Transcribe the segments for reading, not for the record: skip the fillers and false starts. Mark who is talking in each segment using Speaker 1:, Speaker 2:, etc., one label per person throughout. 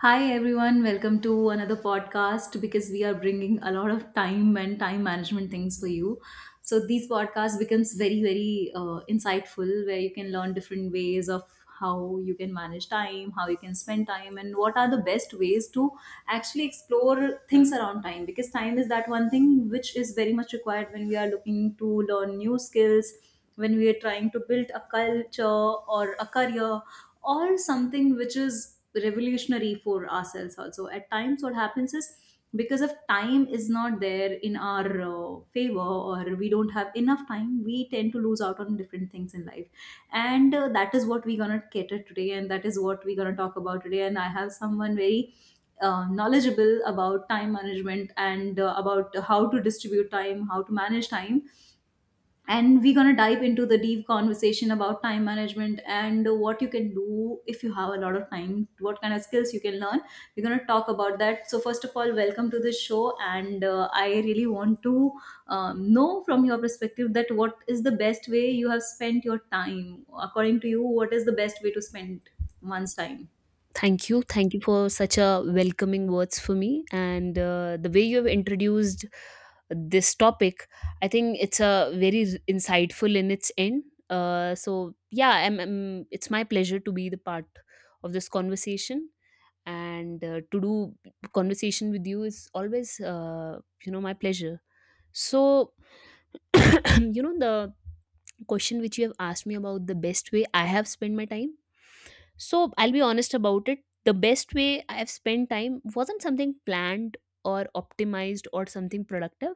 Speaker 1: Hi everyone, welcome to another podcast because we are bringing a lot of time and time management things for you. So these podcasts becomes very very insightful where you can learn different ways of how you can manage time, how you can spend time, and what are the best ways to actually explore things around time, because time is that one thing which is very much required when we are looking to learn new skills, when we are trying to build a culture or a career or something which is revolutionary for ourselves. Also, at times what happens is, because of time is not there in our favor, or we don't have enough time, we tend to lose out on different things in life. And that is what we're gonna cater today, and that is what we're gonna talk about today. And I have someone very knowledgeable about time management and about how to distribute time, how to manage time, and we're going to dive into the deep conversation about time management and what you can do if you have a lot of time, what kind of skills you can learn. We're going to talk about that. So first of all, welcome to the show, and I really want to know from your perspective that, what is the best way you have spent your time? According to you, what is the best way to spend one's time?
Speaker 2: Thank you. Thank you for such a welcoming words for me. And the way you have introduced this topic, I think it's a very insightful in its end. So yeah, it's my pleasure to be the part of this conversation. And to do conversation with you is always, you know, my pleasure. So you know the question which you have asked me about the best way I have spent my time, so I'll be honest about it. The best way I have spent time wasn't something planned or optimized or something productive,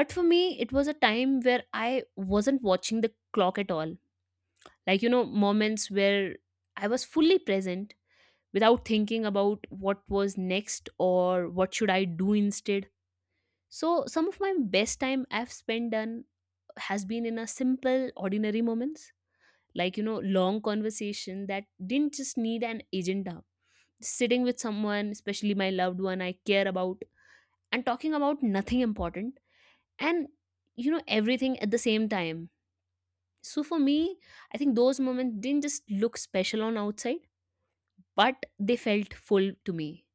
Speaker 2: but for me it was a time where I wasn't watching the clock at all. Like, you know, moments where I was fully present without thinking about what was next or what should I do instead. So some of my best time I've spent done has been in a simple ordinary moments. Like, you know, long conversation that didn't just need an agenda, sitting with someone especially my loved one I care about and talking about nothing important, and, you know, everything at the same time. So for me, I think those moments didn't just look special on outside, but they felt full to me.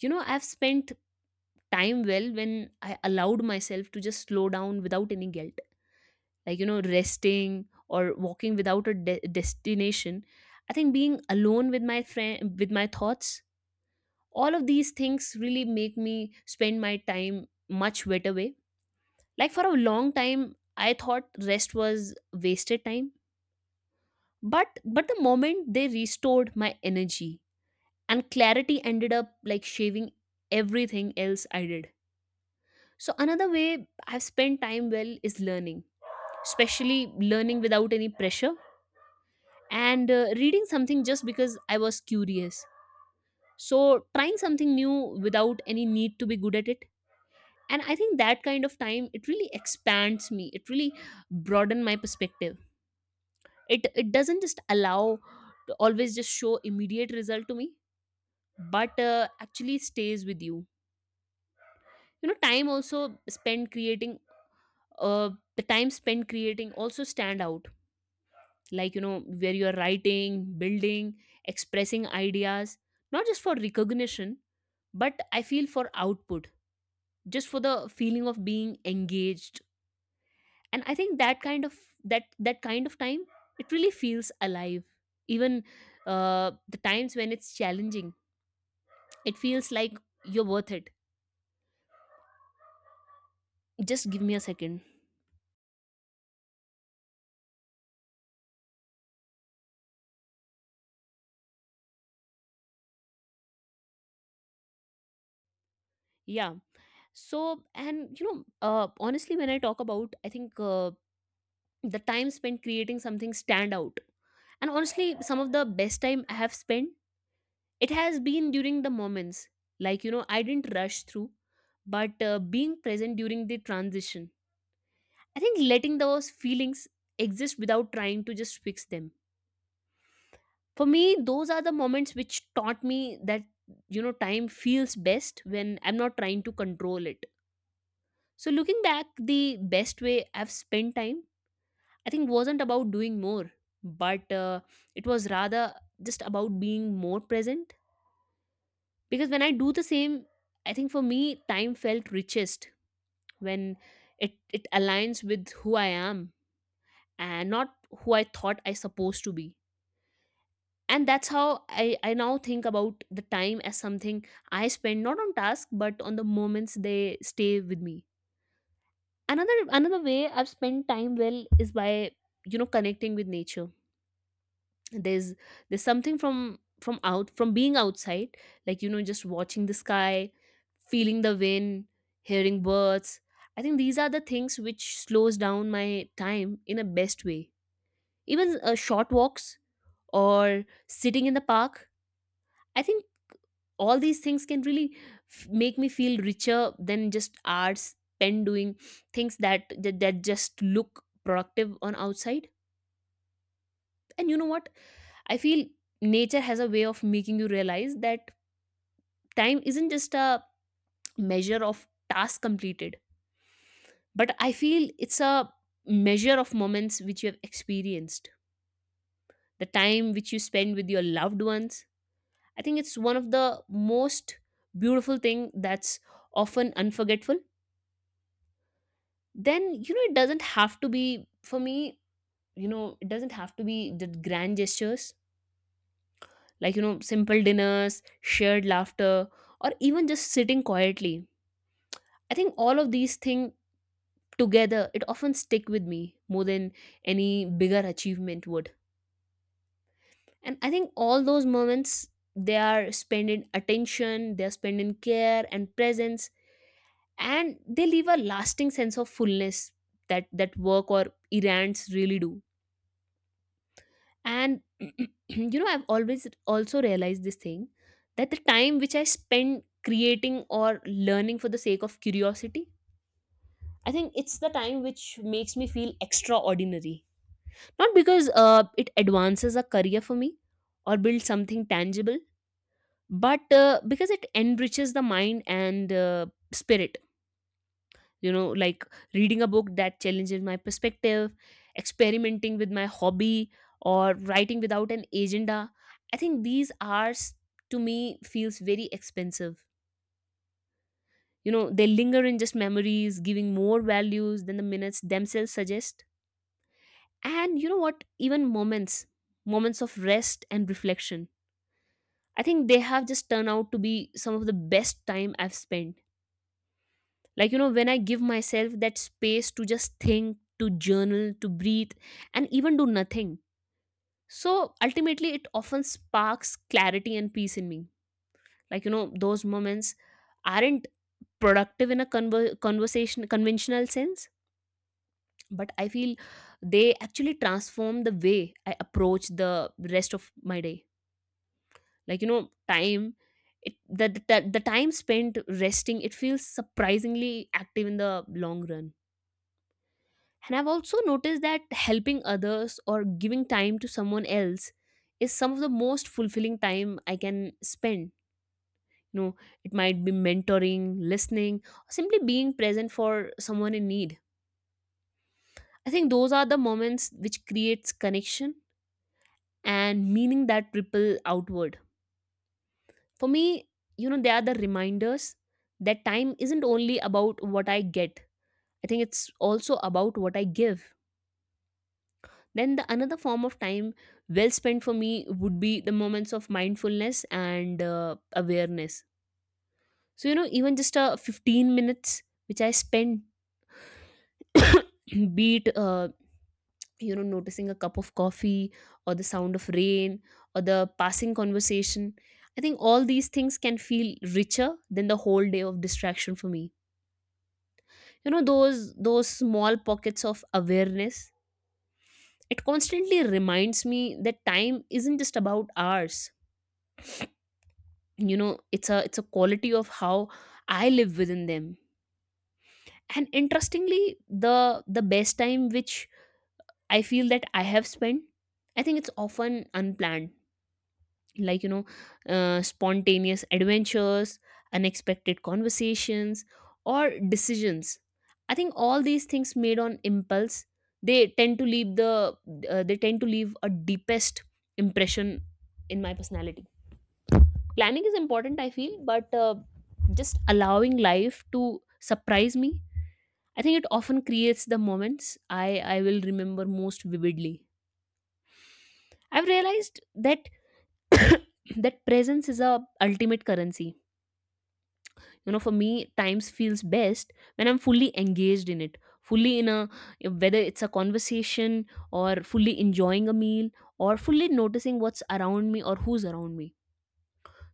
Speaker 2: You know, I've spent time well when I allowed myself to just slow down without any guilt. Like, you know, resting or walking without a destination. I think being alone with my friend, with my thoughts, all of these things really make me spend my time much better way. Like, for a long time I thought rest was wasted time, but the moment they restored my energy and clarity ended up like shaving everything else I did. So another way I've spent time well is learning, especially learning without any pressure and reading something just because I was curious. So trying something new without any need to be good at it. And I think that kind of time, it really expands me. It really broaden my perspective. It doesn't just allow to always just show immediate result to me, but actually stays with you. You know, time also spent creating. The time spent creating also stand out, like, you know, where you are writing, building, expressing ideas, not just for recognition, but I feel for output, just for the feeling of being engaged. And I think that kind of, that kind of time, it really feels alive. Even the times when it's challenging, it feels like you're worth it. Just give me a second. Yeah. So, and you know, honestly, when I talk about, I think, the time spent creating something stand out. And honestly, some of the best time I have spent, it has been during the moments, like, you know, I didn't rush through, but being present during the transition. I think letting those feelings exist without trying to just fix them. For me, those are the moments which taught me that, you know, time feels best when I'm not trying to control it. So looking back, the best way I've spent time, I think wasn't about doing more, but it was rather just about being more present. Because when I do the same, I think for me, time felt richest when it aligns with who I am and not who I thought I supposed to be. And that's how I now think about the time as something I spend not on task but on the moments they stay with me. Another way I've spent time well is by, you know, connecting with nature. There's there's something from out from being outside. Like, you know, just watching the sky, feeling the wind, hearing birds, I think these are the things which slows down my time in a best way. Even short walks or sitting in the park, I think all these things can really make me feel richer than just hours spent doing things that, that just look productive on outside. And you know what, I feel nature has a way of making you realize that time isn't just a measure of tasks completed, but I feel it's a measure of moments which you have experienced. The time which you spend with your loved ones, I think it's one of the most beautiful thing that's often unforgettable. Then, you know, it doesn't have to be for me, you know, it doesn't have to be the grand gestures. Like, you know, simple dinners, shared laughter, or even just sitting quietly. I think all of these things together it often stick with me more than any bigger achievement would. And I think all those moments, they are spent in attention, they are spent in care and presence, and they leave a lasting sense of fullness that work or errands really do. And you know, I've always also realized this thing, that the time which I spend creating or learning for the sake of curiosity, I think it's the time which makes me feel extraordinary. Not because it advances a career for me or builds something tangible, but because it enriches the mind and spirit. You know, like reading a book that challenges my perspective, experimenting with my hobby, or writing without an agenda. I think these are, to me, feels very expensive. You know, they linger in just memories, giving more values than the minutes themselves suggest. And you know what, even moments of rest and reflection, I think they have just turned out to be some of the best time I've spent. Like, you know, when I give myself that space to just think, to journal, to breathe, and even do nothing. So ultimately, it often sparks clarity and peace in me. Like, you know, those moments aren't productive in a conventional sense, but I feel they actually transform the way I approach the rest of my day. Like, you know, time it, the time spent resting, it feels surprisingly active in the long run. And I've also noticed that helping others or giving time to someone else is some of the most fulfilling time I can spend. You know, it might be mentoring, listening, or simply being present for someone in need. I think those are the moments which creates connection and meaning that ripple outward. For me, you know, they are the reminders that time isn't only about what I get. I think it's also about what I give. Then the another form of time well spent for me would be the moments of mindfulness and awareness. So, you know, even just 15 minutes which I spend be it you know, noticing a cup of coffee or the sound of rain or the passing conversation, I think all these things can feel richer than the whole day of distraction for me. You know, those small pockets of awareness, it constantly reminds me that time isn't just about hours. You know, it's a, it's a quality of how I live within them. And interestingly, the the best time which I feel that I have spent, I think it's often unplanned. Like, you know, spontaneous adventures, unexpected conversations, or decisions, I think all these things made on impulse, they tend to leave the they tend to leave a deepest impression in my personality. Planning is important, I feel, but just allowing life to surprise me, I think it often creates the moments I will remember most vividly. I've realized that that presence is a ultimate currency. You know, for me, times feels best when I'm fully engaged in it, fully in a, whether it's a conversation, or fully enjoying a meal, or fully noticing what's around me or who's around me.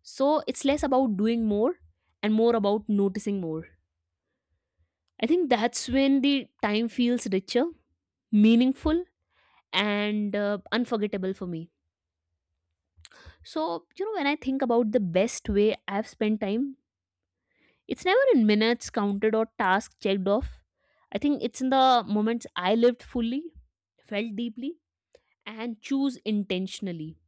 Speaker 2: So it's less about doing more and more about noticing more. I think that's when the time feels richer, meaningful, and unforgettable for me. So, you know, when I think about the best way I've spent time, it's never in minutes counted or tasks checked off. I think it's in the moments I lived fully, felt deeply, and choose intentionally.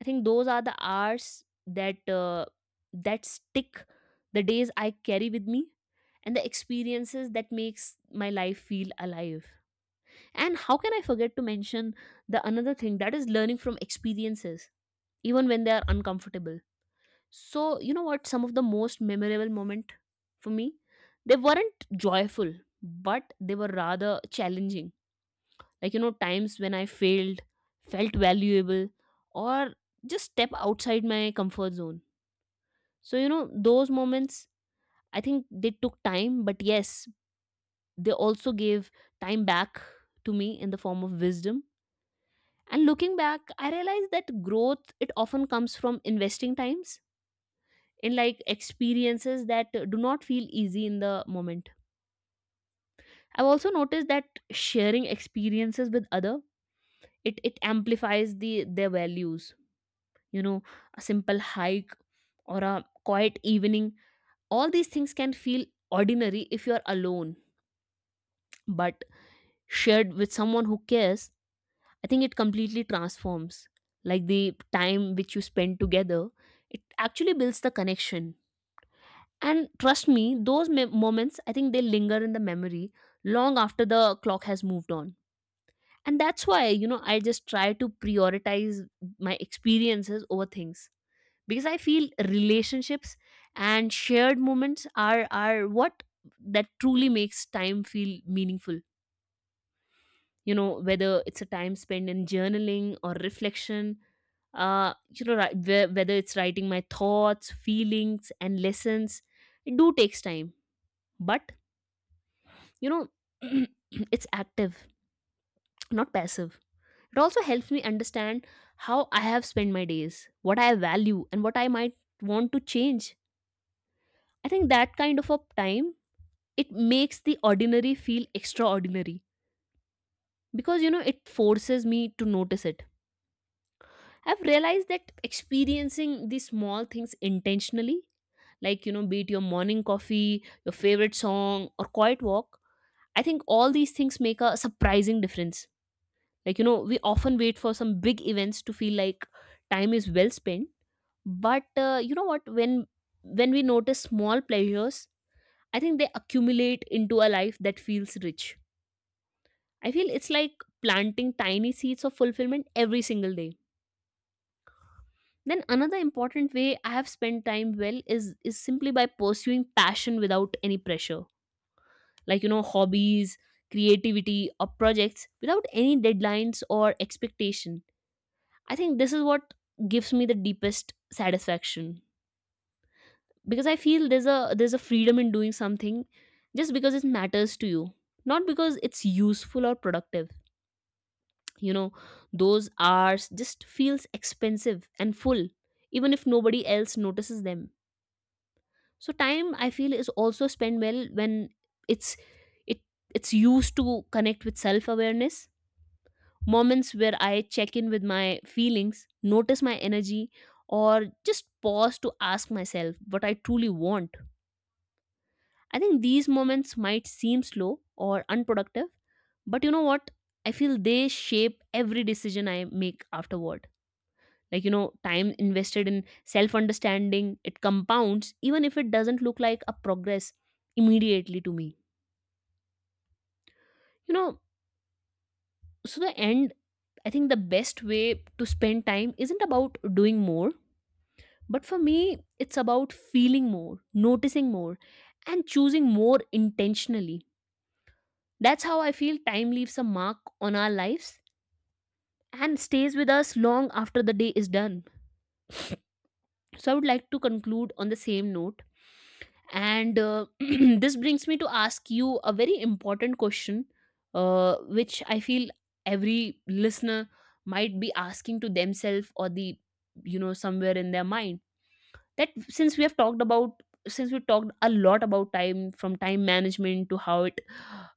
Speaker 2: I think those are the hours that that stick, the days I carry with me, and the experiences that makes my life feel alive. And how can I forget to mention the another thing, that is learning from experiences, even when they are uncomfortable. So, you know what, some of the most memorable moment for me, they weren't joyful, but they were rather challenging. Like, you know, times when I failed, felt valuable, or just step outside my comfort zone. So, you know, those moments, I think they took time, but yes, they also gave time back to me in the form of wisdom. And looking back, I realized that growth, it often comes from investing times in like experiences that do not feel easy in the moment. I've also noticed that sharing experiences with other, it amplifies the their values, you know. A simple hike or a quiet evening, all these things can feel ordinary if you're alone, but shared with someone who cares, I think it completely transforms like the time which you spend together. It actually builds the connection. And trust me, those moments, I think they linger in the memory long after the clock has moved on. And that's why, you know, I just try to prioritize my experiences over things because I feel relationships and shared moments are what that truly makes time feel meaningful. You know, whether it's a time spent in journaling or reflection, whether it's writing my thoughts, feelings, and lessons, it do takes time, but, you know, it's active, not passive. It also helps me understand how I have spent my days, what I value, and what I might want to change. I think that kind of a time, it makes the ordinary feel extraordinary because, you know, it forces me to notice it. I've realized that experiencing these small things intentionally, like, you know, be it your morning coffee, your favorite song, or quiet walk, I think all these things make a surprising difference. Like, you know, we often wait for some big events to feel like time is well spent. But you know what? When we notice small pleasures, I think they accumulate into a life that feels rich. I feel it's like planting tiny seeds of fulfillment every single day. Then another important way I have spent time well is simply by pursuing passion without any pressure. Like, you know, hobbies, creativity, or projects without any deadlines or expectation. I think this is what gives me the deepest satisfaction because I feel there's a freedom in doing something just because it matters to you, not because it's useful or productive. You know, those hours just feels expensive and full, even if nobody else notices them. So time, I feel, is also spent well when it's it it's used to connect with self-awareness, moments where I check in with my feelings, notice my energy, or just pause to ask myself what I truly want. I think these moments might seem slow or unproductive, but you know what? I feel they shape every decision I make afterward. Like, you know, time invested in self understanding, it compounds, even if it doesn't look like a progress immediately to me. You know, so the end, I think the best way to spend time isn't about doing more. But for me, it's about feeling more, noticing more, and choosing more intentionally. That's how I feel time leaves a mark on our lives and stays with us long after the day is done. So I would like to conclude on the same note. And this brings me to ask you a very important question, which I feel every listener might be asking to themselves or the, you know, somewhere in their mind, that since we talked a lot about time, from time management to how it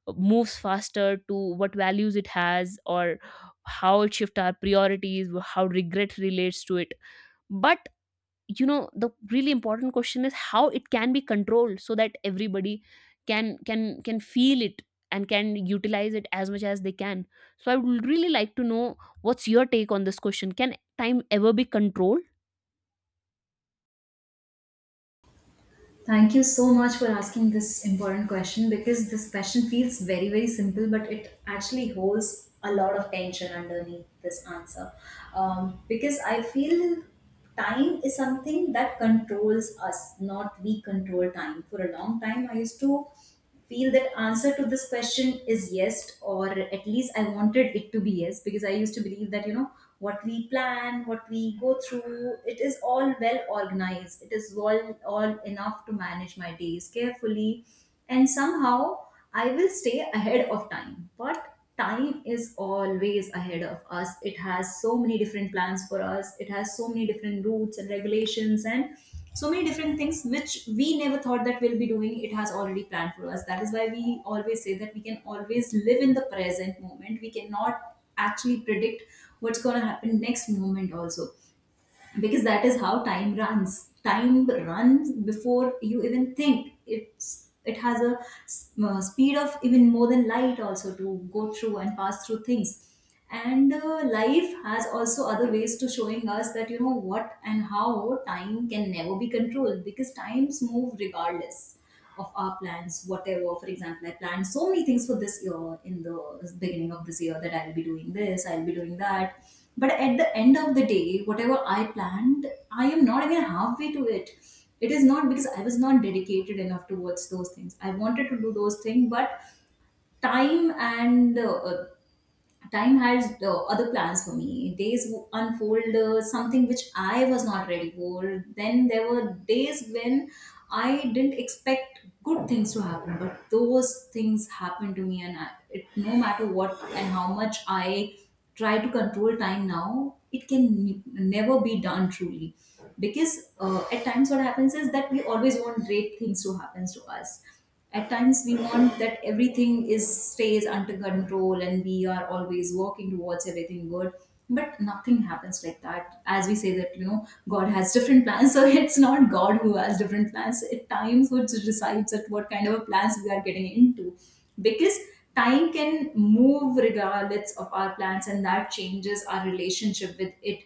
Speaker 2: moves faster, to what values it has, or how it shifts our priorities, how regret relates to it. But you know, the really important question is how it can be controlled so that everybody can feel it and can utilize it as much as they can. So I would really like to know, what's your take on this question? Can time ever be controlled?
Speaker 1: Thank you so much for asking this important question, because this question feels very, very simple, but it actually holds a lot of tension underneath this answer. Because I feel time is something that controls us, not we control time. For a long time, I used to feel that answer to this question is yes, or at least I wanted it to be yes, because I used to believe that, you know, what we plan, what we go through, it is all well organized, it is all enough to manage my days carefully and somehow I will stay ahead of time. But time is always ahead of us. It has so many different plans for us, it has so many different routes and regulations, and so many different things which we never thought that we'll be doing. It has already planned for us. That is why we always say that we can always live in the present moment. We cannot actually predict what's going to happen next moment also, because that is how time runs. Time runs before you even think. It's, it has a speed of even more than light also, to go through and pass through things. And life has also other ways to showing us that, you know what, and how time can never be controlled, because times move regardless of our plans, whatever. For example, I planned so many things for this year, in the beginning of this year, that I'll be doing this, I'll be doing that. But at the end of the day, whatever I planned, I am not even halfway to it. It is not because I was not dedicated enough towards those things. I wanted to do those things, but time, and time has other plans for me. Unfold something which I was not ready for. Then there were days when I didn't expect good things to happen, but those things happened to me, and I, it, no matter what and how much I try to control time now, it can never be done truly, because at times what happens is that we always want great things to happen to us. At times we want that everything is, stays under control, and we are always working towards everything good, but nothing happens like that. As we say that, you know, god has different plans. So it's not god who has different plans at times, which decides that what kind of a plans we are getting into, because time can move regardless of our plans, and that changes our relationship with it.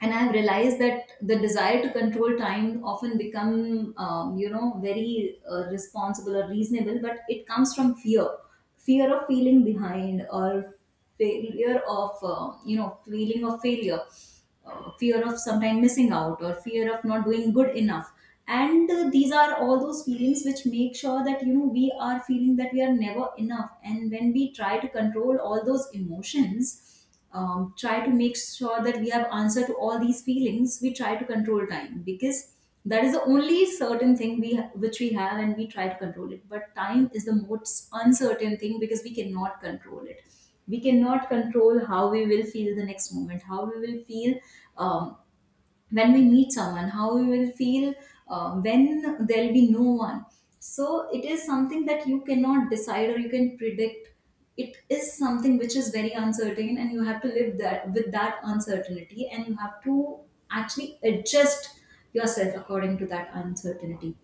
Speaker 1: And I've realized that the desire to control time often become, you know, very responsible or reasonable, but it comes from fear. Fear of feeling behind, or failure of, you know, feeling of failure, fear of sometime missing out, or fear of not doing good enough. And these are all those feelings which make sure that, you know, we are feeling that we are never enough. And when we try to control all those emotions, try to make sure that we have answer to all these feelings, we try to control time, because that is the only certain thing which we have, and we try to control it. But time is the most uncertain thing, because we cannot control it. We cannot control how we will feel the next moment, how we will feel, um, when we meet someone, how we will feel, when there'll be no one. So it is something that you cannot decide or you can predict. It is something which is very uncertain, and you have to live that, with that uncertainty, and you have to actually adjust yourself according to that uncertainty.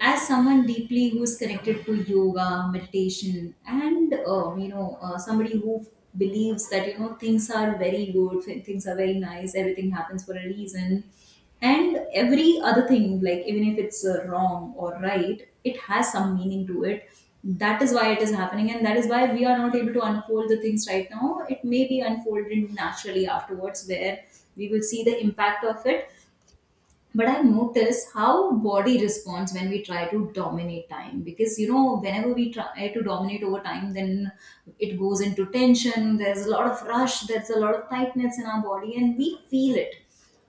Speaker 1: As someone deeply who's connected to yoga, meditation, and, you know, somebody who believes that, you know, things are very good, things are very nice, everything happens for a reason, and every other thing, like, even if it's wrong or right, it has some meaning to it. That is why it is happening, and that is why we are not able to unfold the things right now. It may be unfolded naturally afterwards, where we will see the impact of it. But I've noticed how body responds when we try to dominate time, because, you know, whenever we try to dominate over time, then it goes into tension. There's a lot of rush, there's a lot of tightness in our body, and we feel it,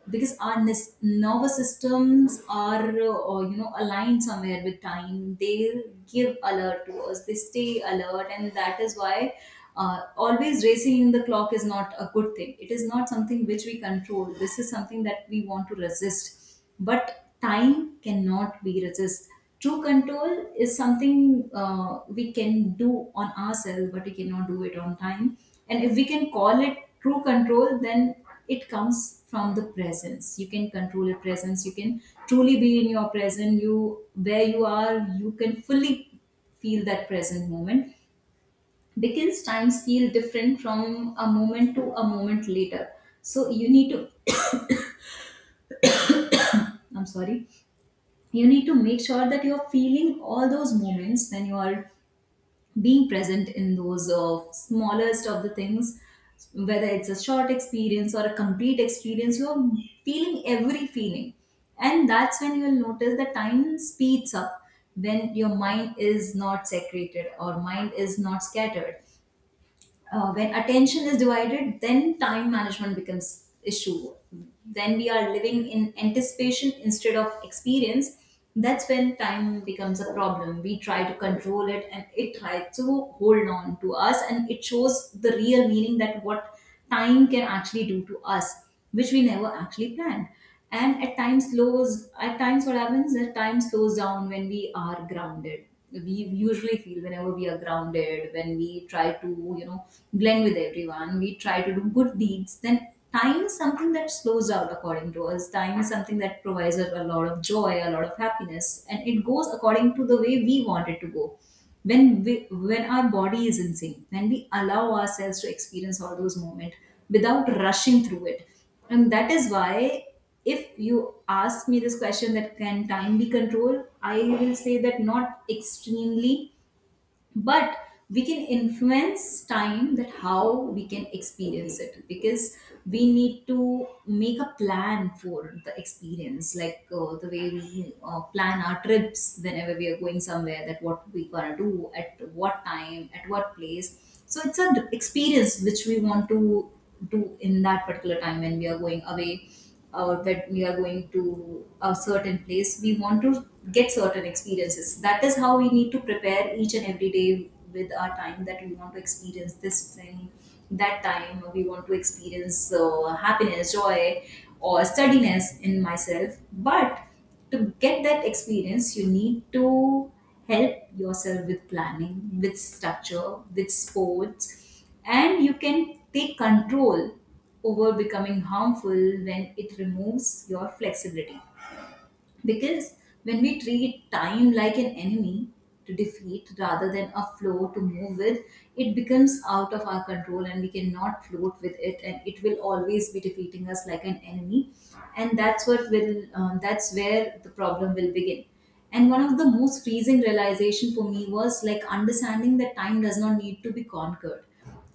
Speaker 1: because our nervous systems are, you know, aligned somewhere with time. They give alert to us, they stay alert, and that is why always racing in the clock is not a good thing. It is not something which we control. This is something that we want to resist, but time cannot be resist. True control is something we can do on ourselves, but we cannot do it on time. And if we can call it true control, then it comes from the presence. You can control your presence. You can truly be in your present, you, where you are, you can fully feel that present moment, because times feel different from a moment to a moment later. So you need to, I'm sorry, you need to make sure that you're feeling all those moments when you are being present in those smallest of the things, whether it's a short experience or a complete experience, you're feeling every feeling. And that's when you'll notice that time speeds up. When your mind is not segregated, or mind is not scattered, when attention is divided, then time management becomes issue. When we are living in anticipation instead of experience, that's when time becomes a problem. We try to control it, and it tries to hold on to us, and it shows the real meaning that what time can actually do to us, which we never actually planned. And at times slows, at times what happens is, time slows down when we are grounded. We usually feel whenever we are grounded, when we try to, you know, blend with everyone, we try to do good deeds, then time is something that slows out according to us. Time is something that provides us a lot of joy, a lot of happiness, and it goes according to the way we want it to go, when we, when our body is in sync, when we allow ourselves to experience all those moments without rushing through it. And that is why, if you ask me this question, that can time be controlled, I will say that not extremely, but we can influence time, that how we can experience it, because we need to make a plan for the experience, like, the way we plan our trips whenever we are going somewhere, that what we gonna do, at what time, at what place. So it's an experience which we want to do in that particular time when we are going away, that we are going to a certain place, we want to get certain experiences. That is how we need to prepare each and every day with our time, that we want to experience this thing, that time we want to experience happiness, joy, or steadiness in myself. But to get that experience, you need to help yourself with planning, with structure, with sports, and you can take control over becoming harmful when it removes your flexibility. Because when we treat time like an enemy to defeat rather than a flow to move with, it becomes out of our control and we cannot float with it, and it will always be defeating us like an enemy. And that's what will that's where the problem will begin. And one of the most freezing realization for me was like understanding that time does not need to be conquered.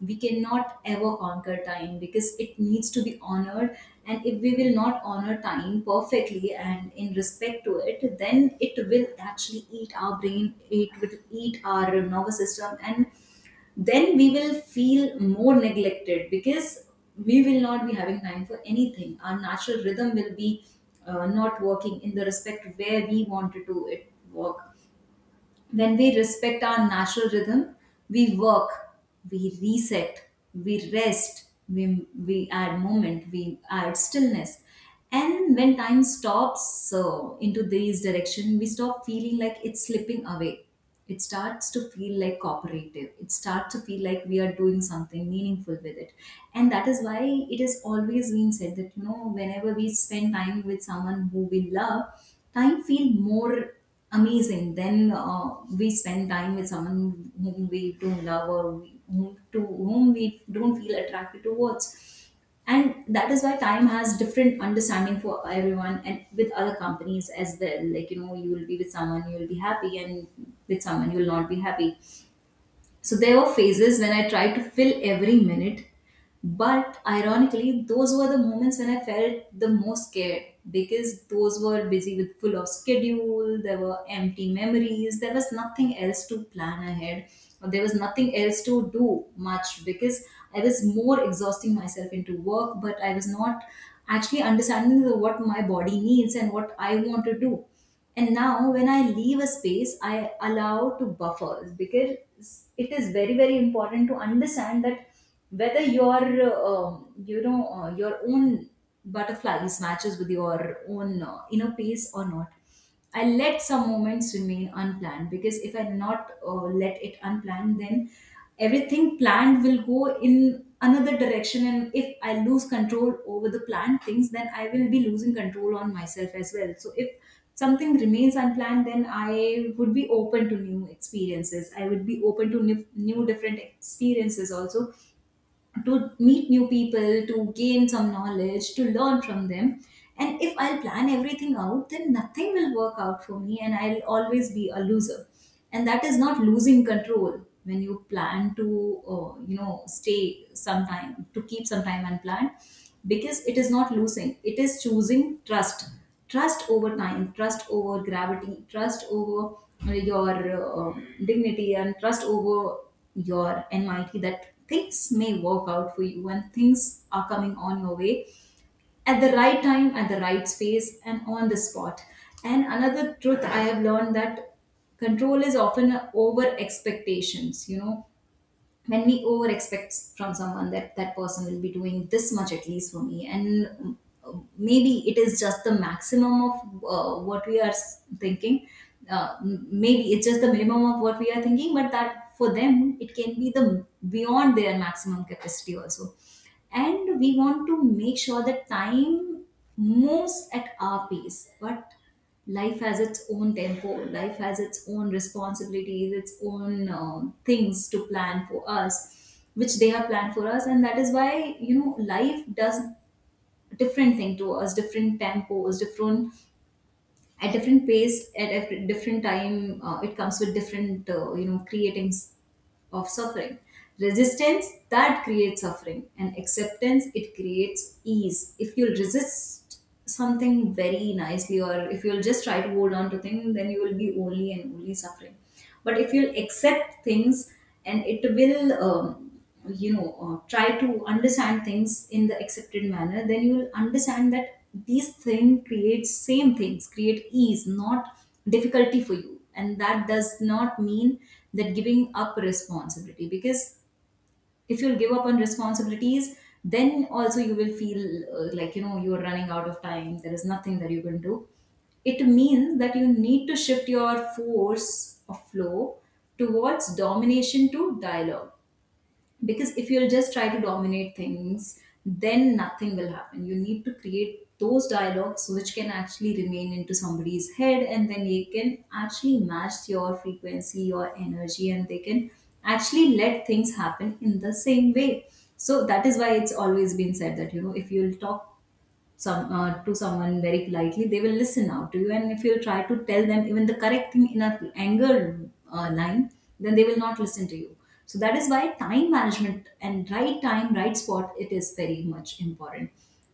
Speaker 1: We cannot ever conquer time because it needs to be honored, and if we will not honor time perfectly and in respect to it, then it will actually eat our brain, it will eat our nervous system, and then we will feel more neglected because we will not be having time for anything. Our natural rhythm will be not working in the respect where we wanted to it work. When we respect our natural rhythm, we work, we reset, we rest, we add moment, we add stillness. And when time stops so into this direction, we stop feeling like it's slipping away. It starts to feel like cooperative, it starts to feel like we are doing something meaningful with it. And that is why it has always been said that you know whenever we spend time with someone who we love, time feel more amazing than we spend time with someone whom we don't love, or whom, to whom we don't feel attracted towards. And that is why time has different understanding for everyone and with other companies as well, like you know you will be with someone you will be happy, and with someone you will not be happy. So there were phases when I tried to fill every minute, but ironically, those were the moments when I felt the most scared, because those were busy with full of schedule, there were empty memories, there was nothing else to plan ahead, or there was nothing else to do much because I was more exhausting myself into work, but I was not actually understanding what my body needs and what I want to do. And now, when I leave a space, I allow to buffers, because it is very, very important to understand that whether your you know your own butterflies matches with your own inner pace or not. I let some moments remain unplanned, because if I not let it unplanned, then everything planned will go in another direction. And if I lose control over the planned things, then I will be losing control on myself as well. So if something remains unplanned, then I would be open to new experiences, I would be open to new different experiences also, to meet new people, to gain some knowledge, to learn from them. And if I'll plan everything out, then nothing will work out for me and I'll always be a loser. And that is not losing control when you plan to, you know, stay some time, to keep some time unplanned, because it is not losing. It is choosing trust. Trust over time, trust over gravity, trust over your dignity, and trust over your enmity, that things may work out for you and things are coming on your way at the right time, at the right space, and on the spot. And another truth I have learned, that control is often over expectations, you know, when we over expect from someone that that person will be doing this much at least for me. And maybe it is just the maximum of what we are thinking, maybe it's just the minimum of what we are thinking, but that for them it can be the beyond their maximum capacity also. And we want to make sure that time moves at our pace, but life has its own tempo, life has its own responsibilities, its own things to plan for us which they have planned for us. And that is why you know life does different thing to us, different tempos, different at different pace, at different time, it comes with different you know creatings of suffering. Resistance that creates suffering, and acceptance it creates ease. If you'll resist something very nicely, or if you'll just try to hold on to things, then you will be only and only suffering. But if you'll accept things, and it will you know try to understand things in the accepted manner, then you will understand that these thing creates same things create ease, not difficulty for you. And that does not mean that giving up responsibility, because if you'll give up on responsibilities, then also you will feel like you know you're running out of time, there is nothing that you can do. It means that you need to shift your force of flow towards domination to dialogue, because if you'll just try to dominate things, then nothing will happen. You need to create those dialogues which can actually remain into somebody's head, and then they can actually match your frequency, your energy, and they can actually let things happen in the same way. So that is why it's always been said that you know if you'll talk some to someone very politely, they will listen out to you. And if you try to tell them even the correct thing in a anger line, then they will not listen to you. So that is why time management and right time, right spot, it is very much important.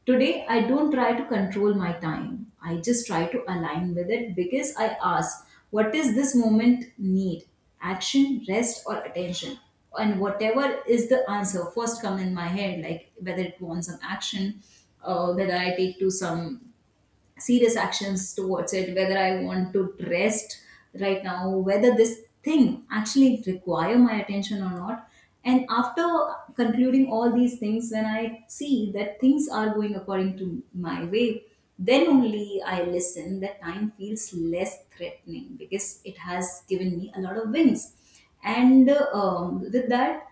Speaker 1: Today, I don't try to control my time. I just try to align with it, because I ask, what does this moment need? Action, rest, or attention. And whatever is the answer first come in my head, like whether it wants some action, whether I take to some serious actions towards it, whether I want to rest right now, whether this thing actually require my attention or not. And after concluding all these things, when I see that things are going according to my way, then only I listen that time feels less threatening because it has given me a lot of wins. And with that,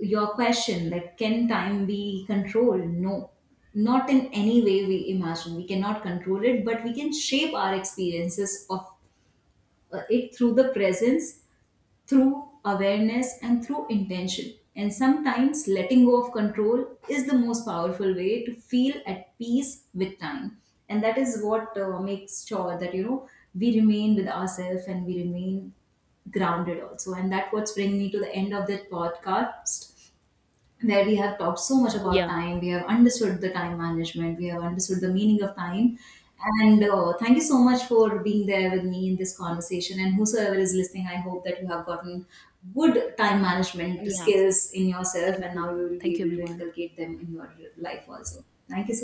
Speaker 1: your question like can time be controlled, no, not in any way we imagine we cannot control it, but we can shape our experiences of it through the presence, through awareness and through intention. And sometimes letting go of control is the most powerful way to feel at peace with time. And that is what makes sure that you know we remain with ourselves and we remain grounded also. And that what's bringing me to the end of this podcast, where we have talked so much about
Speaker 2: Yeah,
Speaker 1: time, we have understood the time management, we have understood the meaning of time. And thank you so much for being there with me in this conversation. And whosoever is listening, I hope that you have gotten good time management
Speaker 2: yeah.
Speaker 1: skills in yourself
Speaker 2: Thank
Speaker 1: and
Speaker 2: you.
Speaker 1: now you will be
Speaker 2: Thank you,
Speaker 1: able to
Speaker 2: everyone.
Speaker 1: inculcate them in your life also. Thank you so